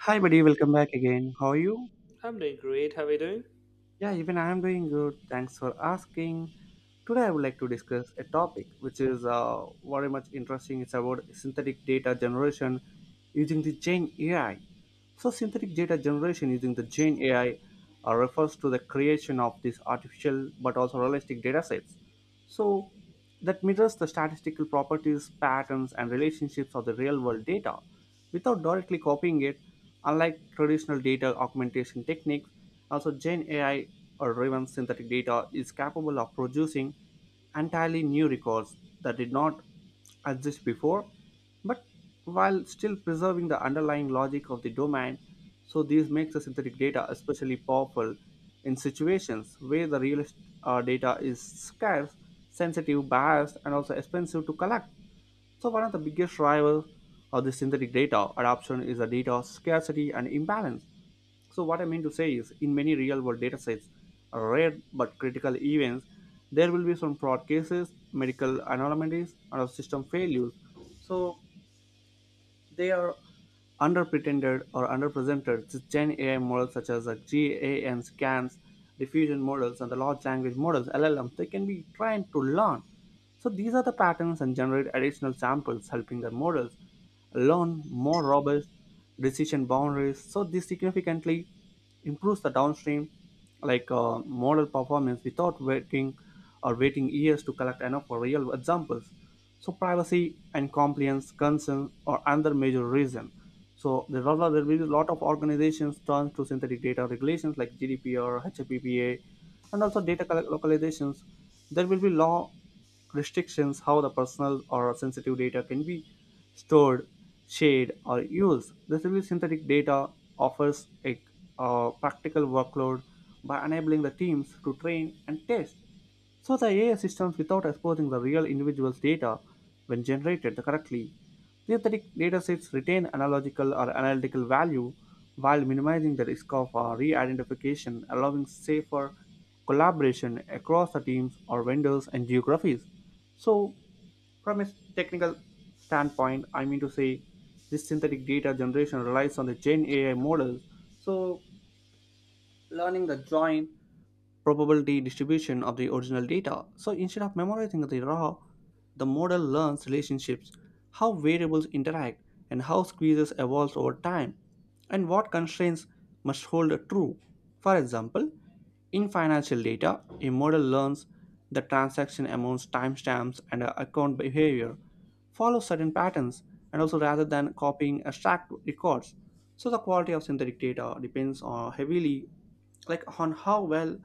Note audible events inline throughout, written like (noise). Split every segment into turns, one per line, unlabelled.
Hi, buddy. Welcome back again. How are you?
I'm doing great. How are you doing?
Yeah, even I am doing good. Thanks for asking. Today, I would like to discuss a topic which is very much interesting. It's about synthetic data generation using the Gen AI. So, synthetic data generation using the Gen AI refers to the creation of these artificial but also realistic data sets so that mirrors the statistical properties, patterns, and relationships of the real world data without directly copying it, unlike traditional data augmentation techniques. Also, Gen AI or even synthetic data is capable of producing entirely new records that did not exist before, but while still preserving the underlying logic of the domain. So this makes the synthetic data especially powerful in situations where the data is scarce, sensitive, biased, and also expensive to collect. So one of the biggest rival of the synthetic data adoption is the data scarcity and imbalance. So what I mean to say is, in many real-world datasets, rare but critical events, there will be some fraud cases, medical anomalies, and system failures. So they are underpretended or underrepresented to Gen AI models such as the GAN scans, diffusion models, and the large language models (LLMs). They can be trained to learn. So these are the patterns and generate additional samples, helping the models learn more robust decision boundaries. So this significantly improves the downstream model performance without waiting or waiting years to collect enough for real examples. So privacy and compliance concerns are another major reason. So there will be a lot of organizations turn to synthetic data regulations like GDPR, HPPA, and also localizations. There will be law restrictions how the personal or sensitive data can be stored, shared, or used. The Retrieval synthetic data offers a practical workload by enabling the teams to train and test so the AI systems, without exposing the real individual's data. When generated correctly, synthetic datasets retain analogical or analytical value while minimizing the risk of re-identification, allowing safer collaboration across the teams or vendors and geographies. So, from a technical standpoint, I mean to say, this synthetic data generation relies on the Gen AI models. So, learning the join probability distribution of the original data. So instead of memorizing the raw, the model learns relationships, how variables interact, and how squeezes evolve over time, and what constraints must hold true. For example, in financial data, a model learns the transaction amounts, timestamps, and account behavior, follow certain patterns and also rather than copying abstract records. So the quality of synthetic data depends on heavily like on how well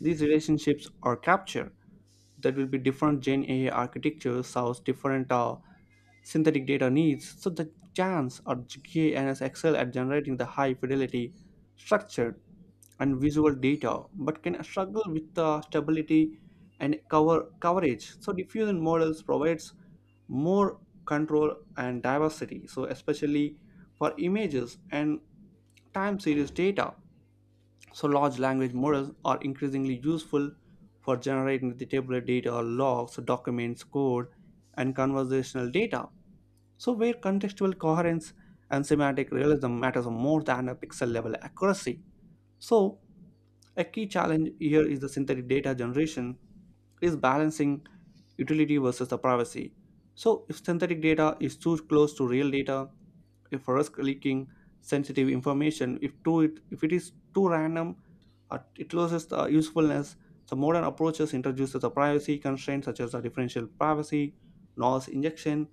these relationships are captured. That will be different Gen AI architectures solves different synthetic data needs. So the chance or GANs excel at generating the high fidelity structured and visual data, but can struggle with the stability and cover coverage. So diffusion models provides more control and diversity. So especially for images and time series data. So large language models are increasingly useful for generating the tabular data, logs, documents, code, and conversational data. So where contextual coherence and semantic realism matters more than a pixel level accuracy. So a key challenge here is the synthetic data generation is balancing utility versus the privacy. So if synthetic data is too close to real data, if risk leaking sensitive information, if it is too random, it loses the usefulness. So modern approaches introduces the privacy constraints such as the differential privacy, noise injection,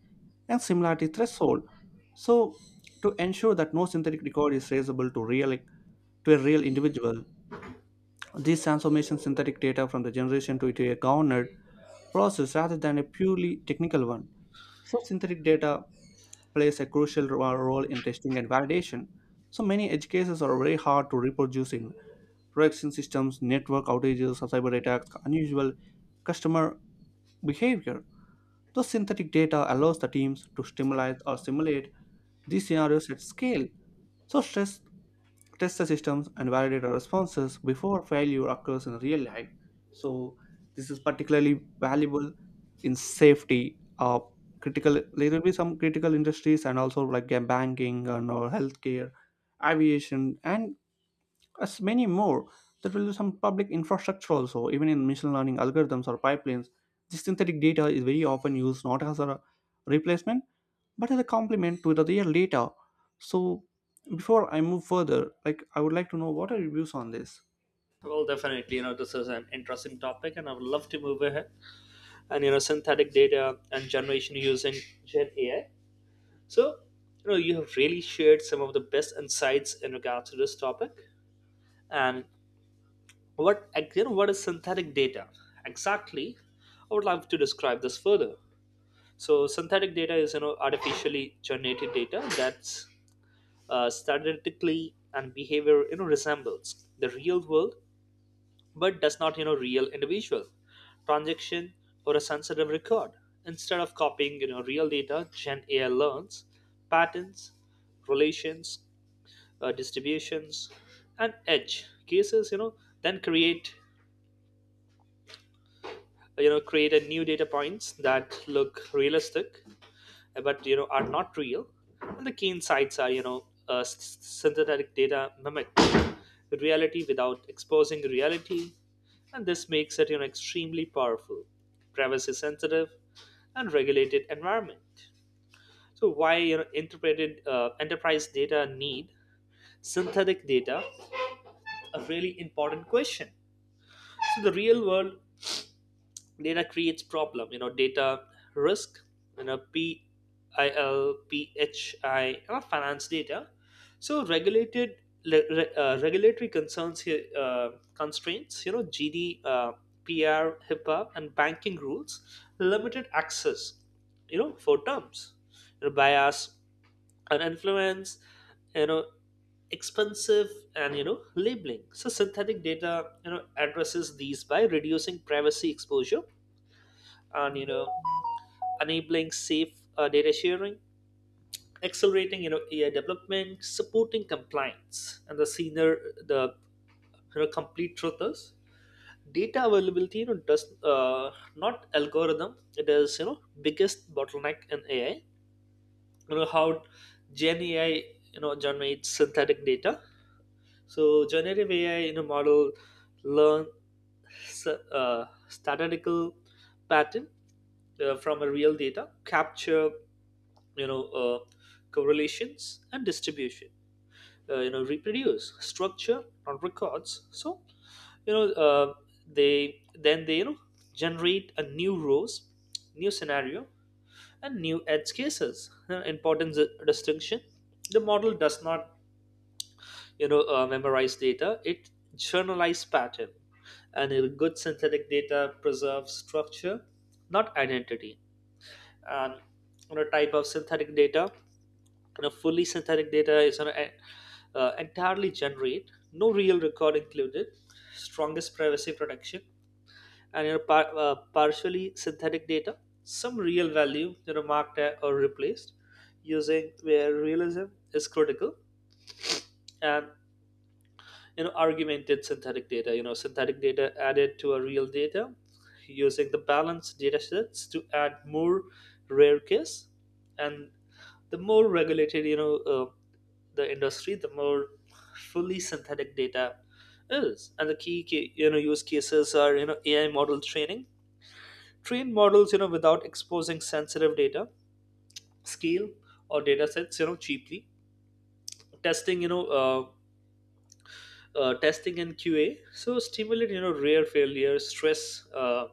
and similarity threshold. So to ensure that no synthetic record is traceable to a real individual, these transformation synthetic data from the generation to into a governed process rather than a purely technical one. So synthetic data plays a crucial role in testing and validation. So many edge cases are very hard to reproduce in production systems, network outages, or cyber attacks, unusual customer behavior. So synthetic data allows the teams to stimulate or simulate these scenarios at scale. So stress test the systems and validate our responses before failure occurs in real life. So this is particularly valuable in safety. Critical, there will be some critical industries and also banking and or healthcare, aviation and as many more. There will be some public infrastructure also, even in machine learning algorithms or pipelines. This synthetic data is very often used not as a replacement but as a complement to the real data. So before I move further, like I would like to know what are your views on this?
Well, definitely, this is an interesting topic and I would love to move ahead. And, synthetic data and generation using Gen AI. So, you have really shared some of the best insights in regards to this topic. And what is synthetic data? Exactly, I would love to describe this further. So, synthetic data is, artificially generated data that's statistically and behavior, resembles the real world, but does not real individual transaction or a sensitive record. Instead of copying, real data, Gen AI learns patterns, relations, distributions, and edge cases, then create you know create a new data points that look realistic but are not real. And the key insights are, synthetic data mimic reality without exposing reality. And this makes it, extremely powerful, privacy sensitive, and regulated environment. So why, interpreted enterprise data need synthetic data? A really important question. So the real world data creates problem, data risk, P I L P H I, finance data. So regulated, regulatory concerns here, constraints, gd pr HIPAA, and banking rules. Limited access, for terms, bias and influence, you know expensive, and labeling. So synthetic data, addresses these by reducing privacy exposure, and, enabling safe, data sharing, accelerating, AI development, supporting compliance, and the senior, the, complete truth is data availability, does, not algorithm, it is, biggest bottleneck in AI. How Gen AI, generates synthetic data. So generative AI, in a model, learn statistical pattern, from a real data, capture, you know uh, correlations and distribution, reproduce structure not records. So, you know uh, they then they generate a new rows, new scenario, and new edge cases. Important distinction: the model does not, memorized data, it journalized pattern, and a good synthetic data preserves structure, not identity. And, type of synthetic data, fully synthetic data is, entirely generate, no real record included, strongest privacy protection. And, partially synthetic data, some real value, marked or replaced, using where realism is critical. And, argumented synthetic data, synthetic data added to a real data, using the balanced data sets to add more rare case. And the more regulated, the industry, the more fully synthetic data is. And the key use cases are, AI model training, train models, without exposing sensitive data, scale or data sets, cheaply. Testing, testing and QA. So stimulate, rare failures, stress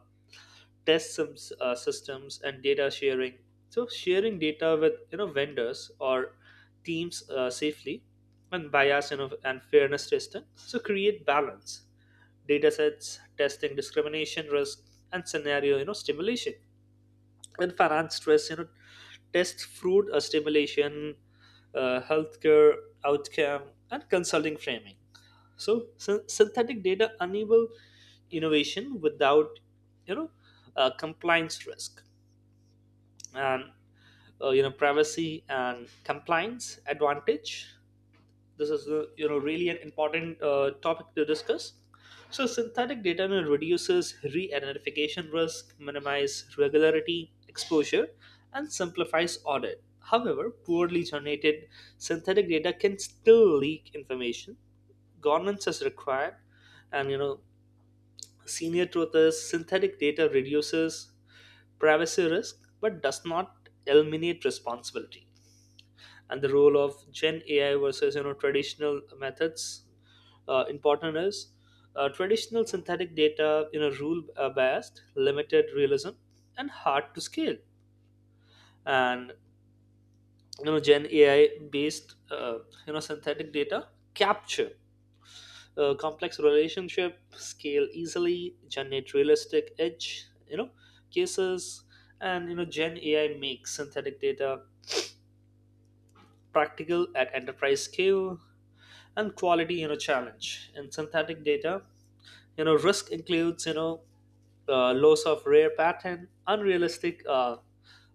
test some systems, and data sharing. So sharing data with, vendors or teams, safely. And bias, and fairness testing. So create balance, data sets, testing discrimination risk, and scenario, stimulation. And finance stress, test fraud, stimulation, healthcare outcome, and consulting framing. So, synthetic data enable innovation without, you know, compliance risk. And, privacy and compliance advantage, this is, really an important topic to discuss. So synthetic data, reduces re-identification risk, minimize regularity exposure, and simplifies audit. However, poorly generated synthetic data can still leak information, governance is required. And, senior truth is, synthetic data reduces privacy risk but does not eliminate responsibility. And the role of Gen AI versus, traditional methods. Important is, traditional synthetic data, rule based, limited realism, and hard to scale. And, Gen AI based, synthetic data capture complex relationship, scale easily, generate realistic edge, cases. And, Gen AI makes synthetic data practical at enterprise scale. And quality, challenge in synthetic data, risk includes, loss of rare pattern, unrealistic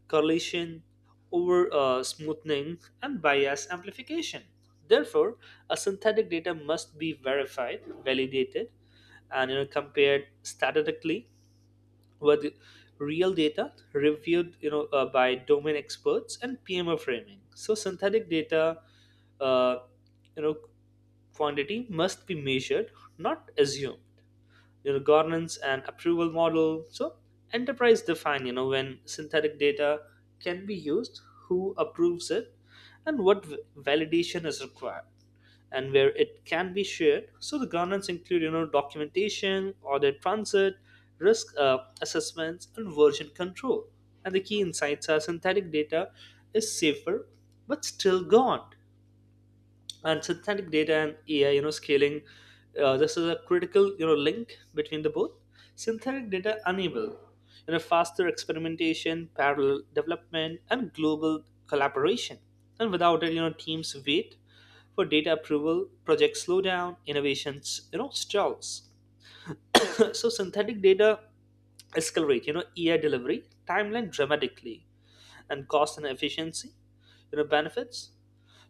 correlation, over smoothing, and bias amplification. Therefore, a synthetic data must be verified, validated, and, compared statistically were the real data, reviewed, by domain experts, and PMO framing. So synthetic data uh, you know quantity must be measured, not assumed. Your governance and approval model. So enterprise define, when synthetic data can be used, who approves it, and what validation is required, and where it can be shared. So the governance include, documentation audit transit risk assessments, and version control. And the key insights are, synthetic data is safer but still gone. And synthetic data and AI, scaling, this is a critical, link between the both. Synthetic data enable, faster experimentation, parallel development, and global collaboration. And without it, teams wait for data approval, projects slow down, innovations, stalls. (laughs) (clears throat) So synthetic data accelerate, AI delivery timeline dramatically. And cost and efficiency, benefits.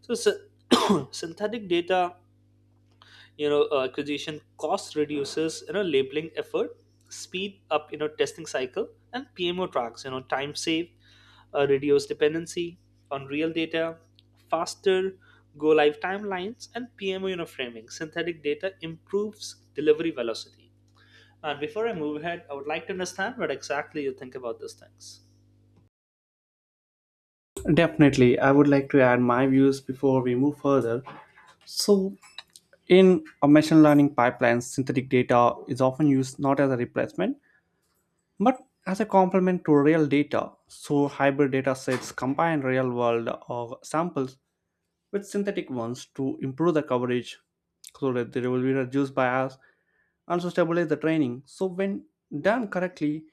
So. (coughs) (clears throat) Synthetic data, acquisition cost, reduces, labeling effort, speed up, testing cycle, and PMO tracks, time save, reduce dependency on real data, faster go live timelines, and PMO, framing synthetic data improves delivery velocity. And before I move ahead, I would like to understand what exactly you think about these things.
Definitely, I would like to add my views before we move further. So in a machine learning pipeline, synthetic data is often used not as a replacement but as a complement to real data, so hybrid data sets combine real world samples with synthetic ones to improve the coverage so that there will be reduced bias and to stabilize the training. So when done correctly,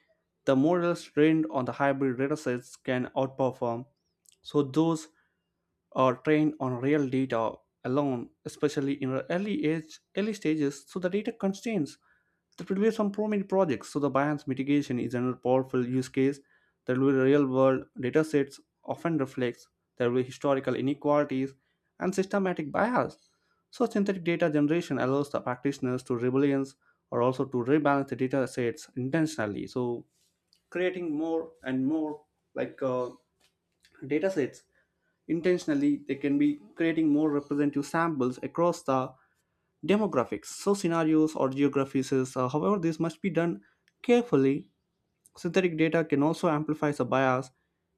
the models trained on the hybrid data sets can outperform so those or trained on real data alone, especially in the early age, early stages. So the data constraints that will be some prominent projects. So the bias mitigation is another powerful use case. There will be real world data sets often reflects there will be historical inequalities and systematic bias. So synthetic data generation allows the practitioners to rebalance or also to rebalance the data sets intentionally. So creating more and more like uh, data sets intentionally, they can be creating more representative samples across the demographics. So, scenarios or geographies, is, however, this must be done carefully. Synthetic data can also amplify the bias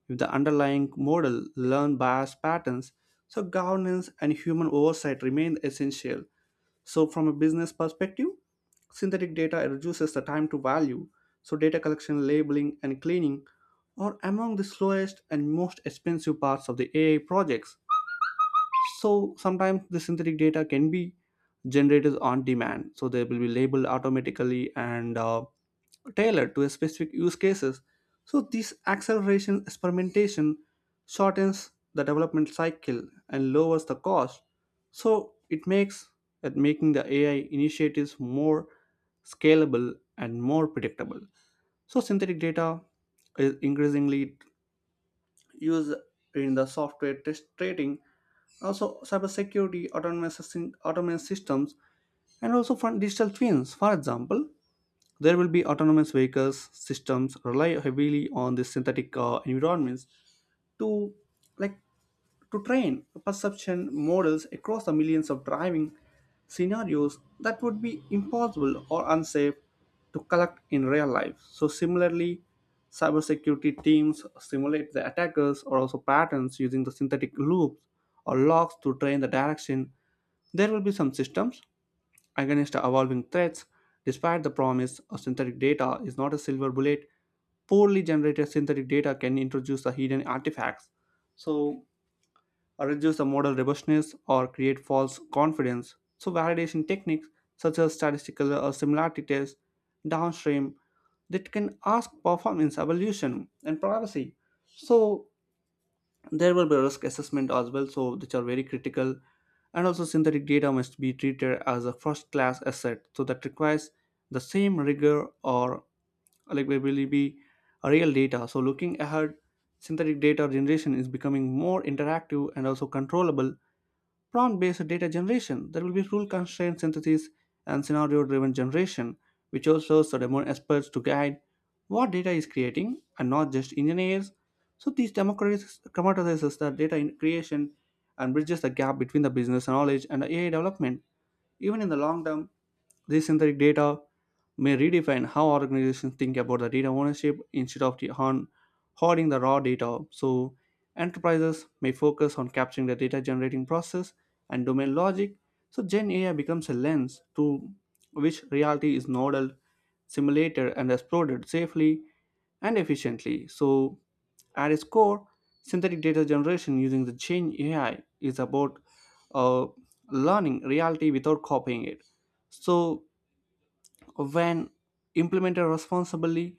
if the underlying model learn bias patterns. So, governance and human oversight remain essential. So, from a business perspective, synthetic data reduces the time to value. So, data collection, labeling, and cleaning are among the slowest and most expensive parts of the AI projects, so sometimes the synthetic data can be generated on demand, so they will be labeled automatically and tailored to a specific use cases. So this acceleration experimentation shortens the development cycle and lowers the cost. So it makes at making the AI initiatives more scalable and more predictable. So synthetic data is increasingly used in the software test trading, also cybersecurity, autonomous systems, and also from digital twins. For example, there will be autonomous vehicles systems rely heavily on the synthetic environments to like to train perception models across the millions of driving scenarios that would be impossible or unsafe to collect in real life. So, similarly, cybersecurity teams simulate the attackers or also patterns using the synthetic loops or logs to train the direction. There will be some systems against the evolving threats. Despite the promise of synthetic data is not a silver bullet, poorly generated synthetic data can introduce the hidden artifacts. So reduce the model robustness, or create false confidence. So, validation techniques such as statistical or similarity tests downstream that can ask performance evolution and privacy. So, there will be risk assessment as well, so which are very critical. And also, synthetic data must be treated as a first class asset, so that requires the same rigor or like we will be a real data. So looking ahead, synthetic data generation is becoming more interactive and also controllable. Prompt based data generation, there will be rule constrained synthesis and scenario driven generation, which also serve more experts to guide what data is creating and not just engineers. So, these democratizes the data in creation and bridges the gap between the business knowledge and the AI development. Even in the long term, this synthetic data may redefine how organizations think about the data ownership instead of the on hoarding the raw data. So enterprises may focus on capturing the data generating process and domain logic. So Gen AI becomes a lens through which reality is modeled, simulated, and exploited safely and efficiently. So at its core, synthetic data generation using the Gen AI is about uh, learning reality without copying it. So when implemented responsibly,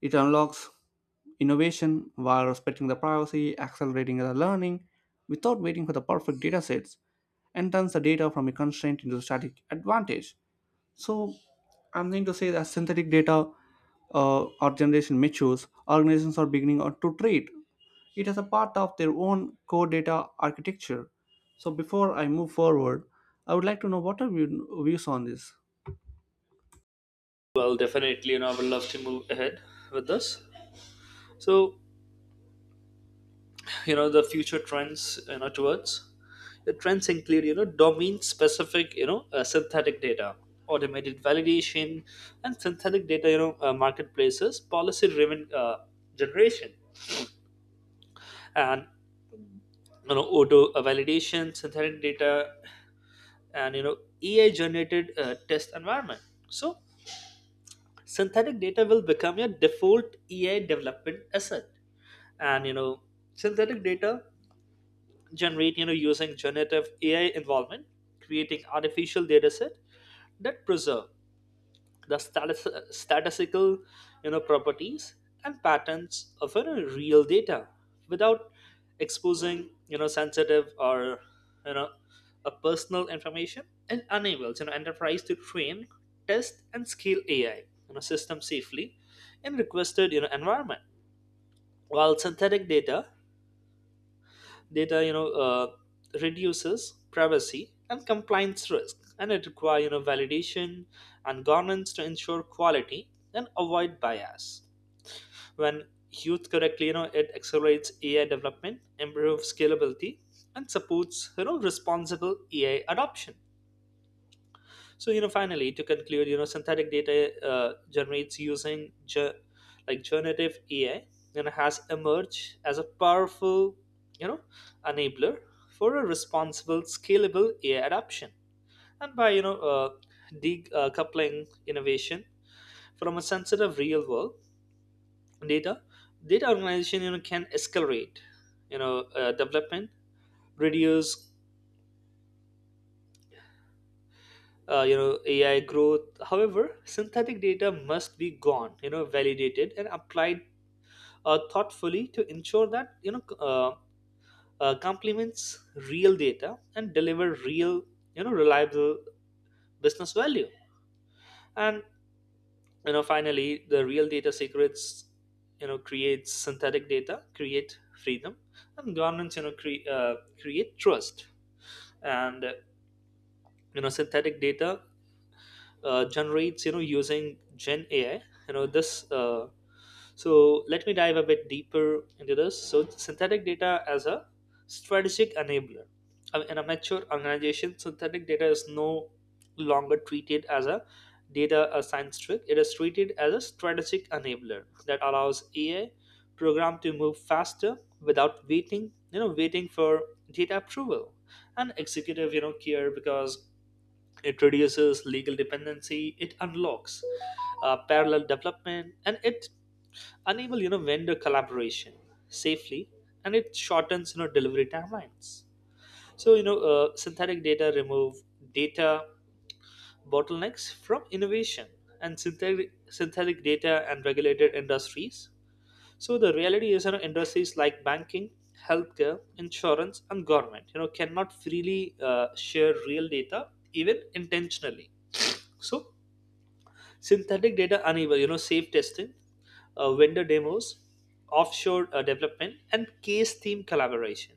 it unlocks innovation while respecting the privacy, accelerating the learning without waiting for the perfect data sets, and turns the data from a constraint into a static advantage. So, I'm going to say that synthetic data or generation matures, organizations are to treat it as a part of their own core data architecture. So, before I move forward, I would like to know what are your views on this?
Well, definitely, I would love to move ahead with this. So, the future trends, towards the trends include, domain specific, synthetic data, automated validation, and synthetic data, marketplaces, policy driven generation. And, auto validation synthetic data, and, AI generated test environment. So synthetic data will become your default AI development asset. And, synthetic data generate, using generative AI involvement, creating artificial data set that preserve the status, statistical, properties and patterns of, real data, without exposing, sensitive or, you know a personal information. And enables, enterprise to train, test, and scale AI, system safely in requested, environment. While synthetic data, reduces privacy and compliance risk, and it requires, validation and governance to ensure quality and avoid bias. When used correctly, it accelerates AI development, improves scalability, and supports, responsible AI adoption. So, finally, to conclude, synthetic data generates using generative AI, and has emerged as a powerful, you know, enabler for a responsible, scalable AI adoption. And by, decoupling innovation from a sensitive real-world data, data organization, can accelerate, development, reduce, AI growth. However, synthetic data must be gone, validated, and applied thoughtfully to ensure that, complements real data and deliver real, reliable business value. And, finally, the real data secrets, creates synthetic data, create freedom, and governance, create trust. And, synthetic data generates, using Gen AI. You know, this. So let me dive a bit deeper into this. So synthetic data as a strategic enabler. In a mature organization, synthetic data is no longer treated as a data a science trick. It is treated as a strategic enabler that allows AI program to move faster without waiting for data approval and executive, care, because it reduces legal dependency, it unlocks parallel development, and it unable, vendor collaboration safely, and it shortens, delivery timelines. So, synthetic data remove data bottlenecks from innovation. And synthetic data and regulated industries. So the reality is, industries like banking, healthcare, insurance, and government, cannot freely share real data, even intentionally. So synthetic data unable, safe testing, vendor demos, offshore development, and case team collaboration.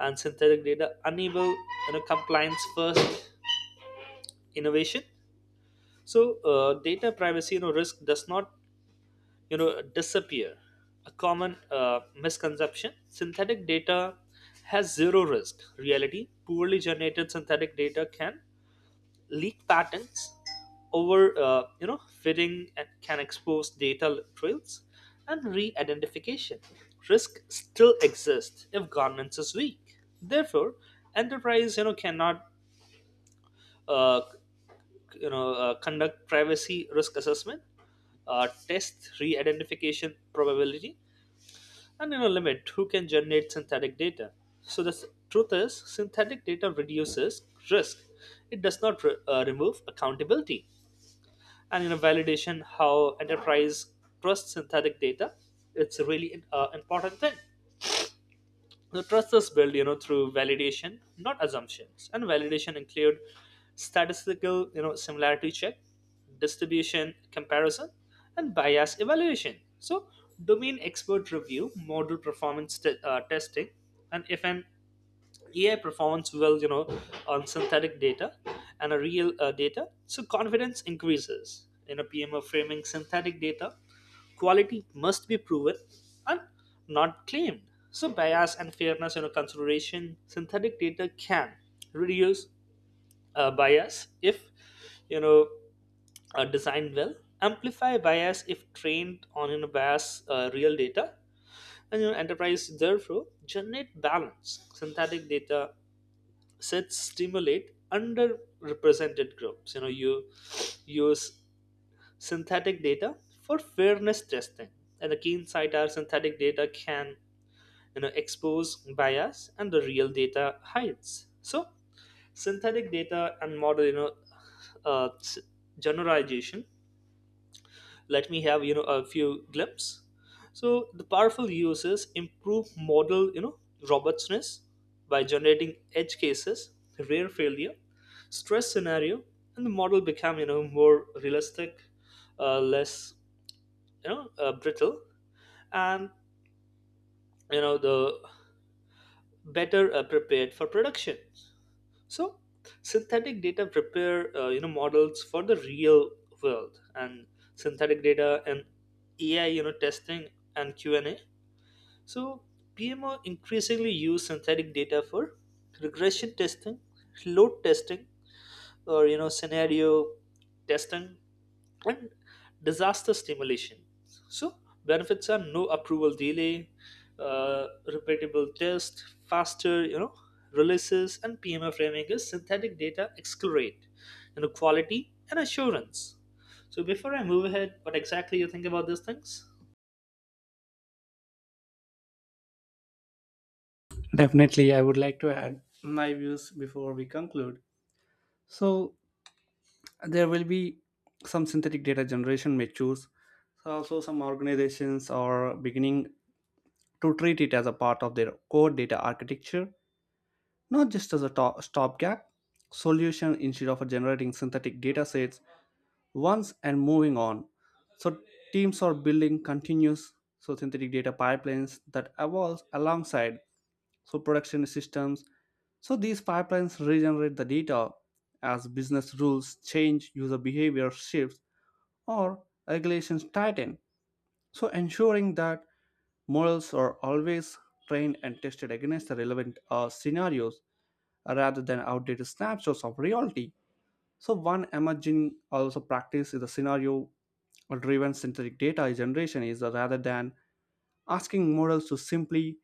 And synthetic data unable, compliance first innovation. So, data privacy, risk does not, disappear. A common misconception: synthetic data has zero risk. Reality: poorly generated synthetic data can leak patterns, over fitting, and can expose data trails, and re-identification risk still exists if governance is weak. Therefore, enterprise, cannot, uh, conduct privacy risk assessment, test re-identification probability, and, limit who can generate synthetic data. So the truth is, synthetic data reduces risk, it does not remove accountability. And, validation, how enterprise trust synthetic data, it's a really important thing. The trust is built, through validation, not assumptions. And validation include statistical, similarity check, distribution comparison, and bias evaluation. So domain expert review, model performance testing, and if an AI performs well, on synthetic data and a real data. So confidence increases. In a PMO framing, synthetic data quality must be proven and not claimed. So bias and fairness, consideration. Synthetic data can reduce bias if, you know are designed well. Amplify bias if trained on, bias real data. And, enterprise therefore generate balance synthetic data sets, stimulate underrepresented groups, you use synthetic data for fairness testing. And the keen side are, synthetic data can, expose bias, and the real data hides. So synthetic data and model, uh, s- generalization, let me have, a few glimpse. So the powerful uses: improve model, robustness by generating edge cases, rare failure, stress scenario. And the model become, more realistic, less, brittle, and, the better prepared for production. So synthetic data prepare, models for the real world. And synthetic data and AI, testing, and Q&A. So PMO increasingly use synthetic data for regression testing, load testing, or, scenario testing and disaster stimulation. So benefits are: no approval delay, repeatable test, faster, releases. And PMO framing is, synthetic data accelerate, quality and assurance. So before I move ahead, what exactly you think about these things?
Definitely, I would like to add my views before we conclude. So, there will be some synthetic data generation may choose. So, also, some organizations are beginning to treat it as a part of their core data architecture, not just as a stopgap solution instead of generating synthetic data sets once and moving on. So, teams are building continuous so synthetic data pipelines that evolves alongside so production systems. So these pipelines regenerate the data as business rules change, user behavior shifts, or regulations tighten, so ensuring that models are always trained and tested against the relevant scenarios rather than outdated snapshots of reality. So one emerging also practice is the scenario driven synthetic data generation is rather than asking models to simply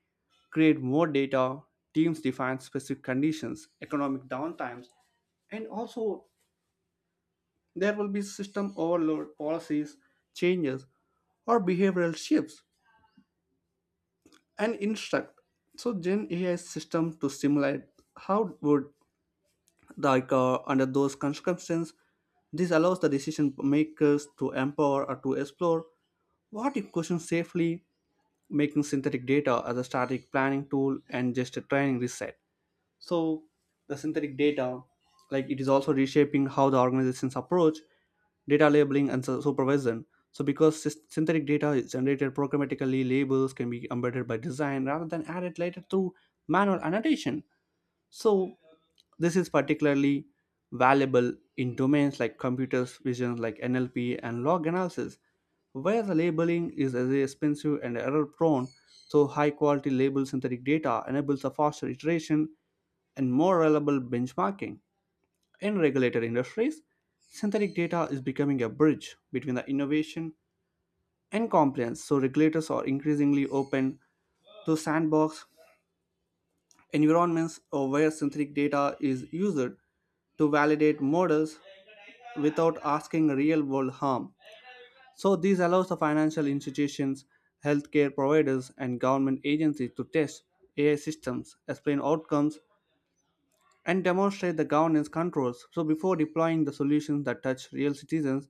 create more data, teams define specific conditions, economic downtimes, and also there will be system overload, policies, changes, or behavioral shifts and instruct. So Gen AI system to simulate how would like under those circumstances, this allows the decision makers to empower or to explore what if questions safely, making synthetic data as a static planning tool and just a training reset. So the synthetic data, like, it is also reshaping how the organizations approach data labeling and supervision. So because synthetic data is generated programmatically, labels can be embedded by design rather than added later through manual annotation. So this is particularly valuable in domains like computers vision, like NLP and log analysis, where the labeling is as expensive and error prone, so high quality label synthetic data enables a faster iteration and more reliable benchmarking. In regulated industries, synthetic data is becoming a bridge between the innovation and compliance, so regulators are increasingly open to sandbox environments or where synthetic data is used to validate models without asking real world harm. So this allows the financial institutions, healthcare providers, and government agencies to test AI systems, explain outcomes, and demonstrate the governance controls. So before deploying the solutions that touch real citizens,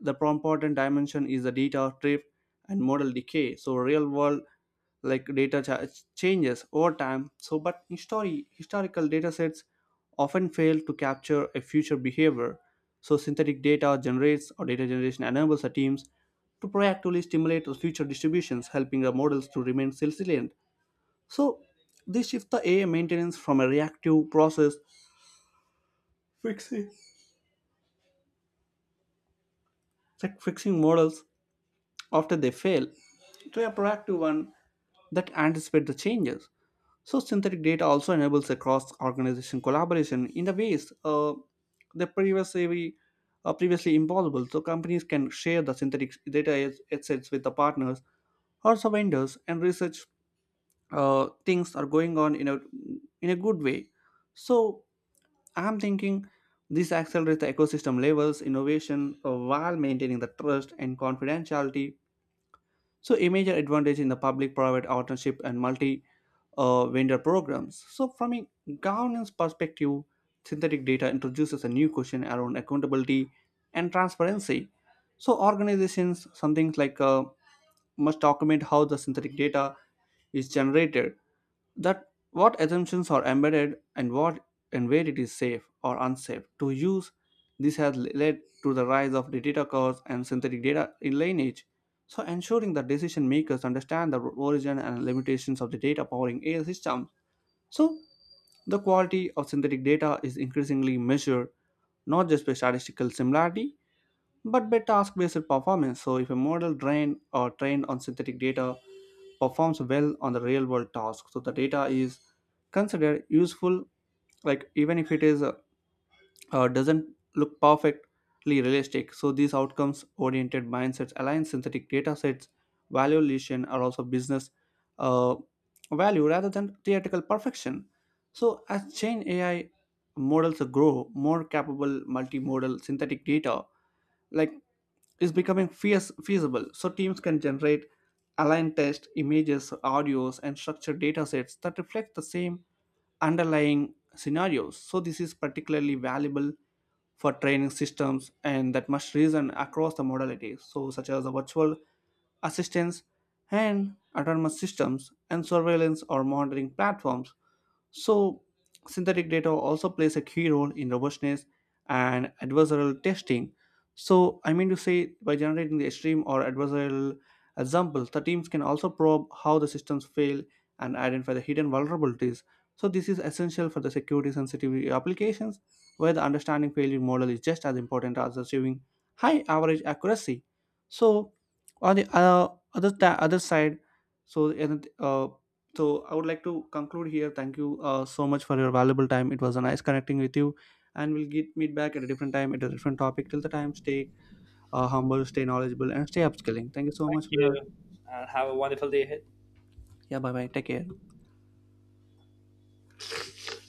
the important dimension is the data drift and model decay. So real world like data changes over time. So but historical data sets often fail to capture a future behavior. So synthetic data generates or data generation enables the teams to proactively stimulate the future distributions, helping the models to remain resilient. So this shifts the AI maintenance from a reactive process fixing like fixing models after they fail to a proactive one that anticipate the changes. So synthetic data also enables a cross organization collaboration in the ways that previously previously impossible. So companies can share the synthetic data assets with the partners or some vendors and research. Things are going on in a good way. So I'm thinking this accelerates the ecosystem levels, innovation, while maintaining the trust and confidentiality. So a major advantage in the public private partnership and multi vendor programs. So from a governance perspective, synthetic data introduces a new question around accountability and transparency. So organizations, some things like must document how the synthetic data is generated, that what assumptions are embedded and what and where it is safe or unsafe to use. This has led to the rise of the data cores and synthetic data in lineage, so ensuring that decision makers understand the origin and limitations of the data powering AI systems. So the quality of synthetic data is increasingly measured not just by statistical similarity but by task-based performance. So if a model trained on synthetic data performs well on the real-world task, so the data is considered useful, like, even if it is doesn't look perfectly realistic. So these outcomes oriented mindsets align synthetic data sets valuation are also business uh, value rather than theoretical perfection. So as chain ai models grow more capable, multimodal synthetic data like is becoming feasible. So teams can generate aligned test images, audios, and structured data sets that reflect the same underlying scenarios. So this is particularly valuable for training systems and that must reason across the modalities, so such as the virtual assistance and autonomous systems and surveillance or monitoring platforms. So synthetic data also plays a key role in robustness and adversarial testing. So, I mean to say, by generating the extreme or adversarial examples, the teams can also probe how the systems fail and identify the hidden vulnerabilities. So this is essential for the security sensitive applications where the understanding failure model is just as important as achieving high average accuracy. So on the other, other side, so uh, so I would like to conclude here. Thank you so much for your valuable time. It was a nice connecting with you, and we'll get meet back at a different time at a different topic. Till the time, stay humble, stay knowledgeable, and stay upskilling. Thank you so
Thank
much for your,
you, and have a wonderful day ahead.
yeah. Bye bye. Take care.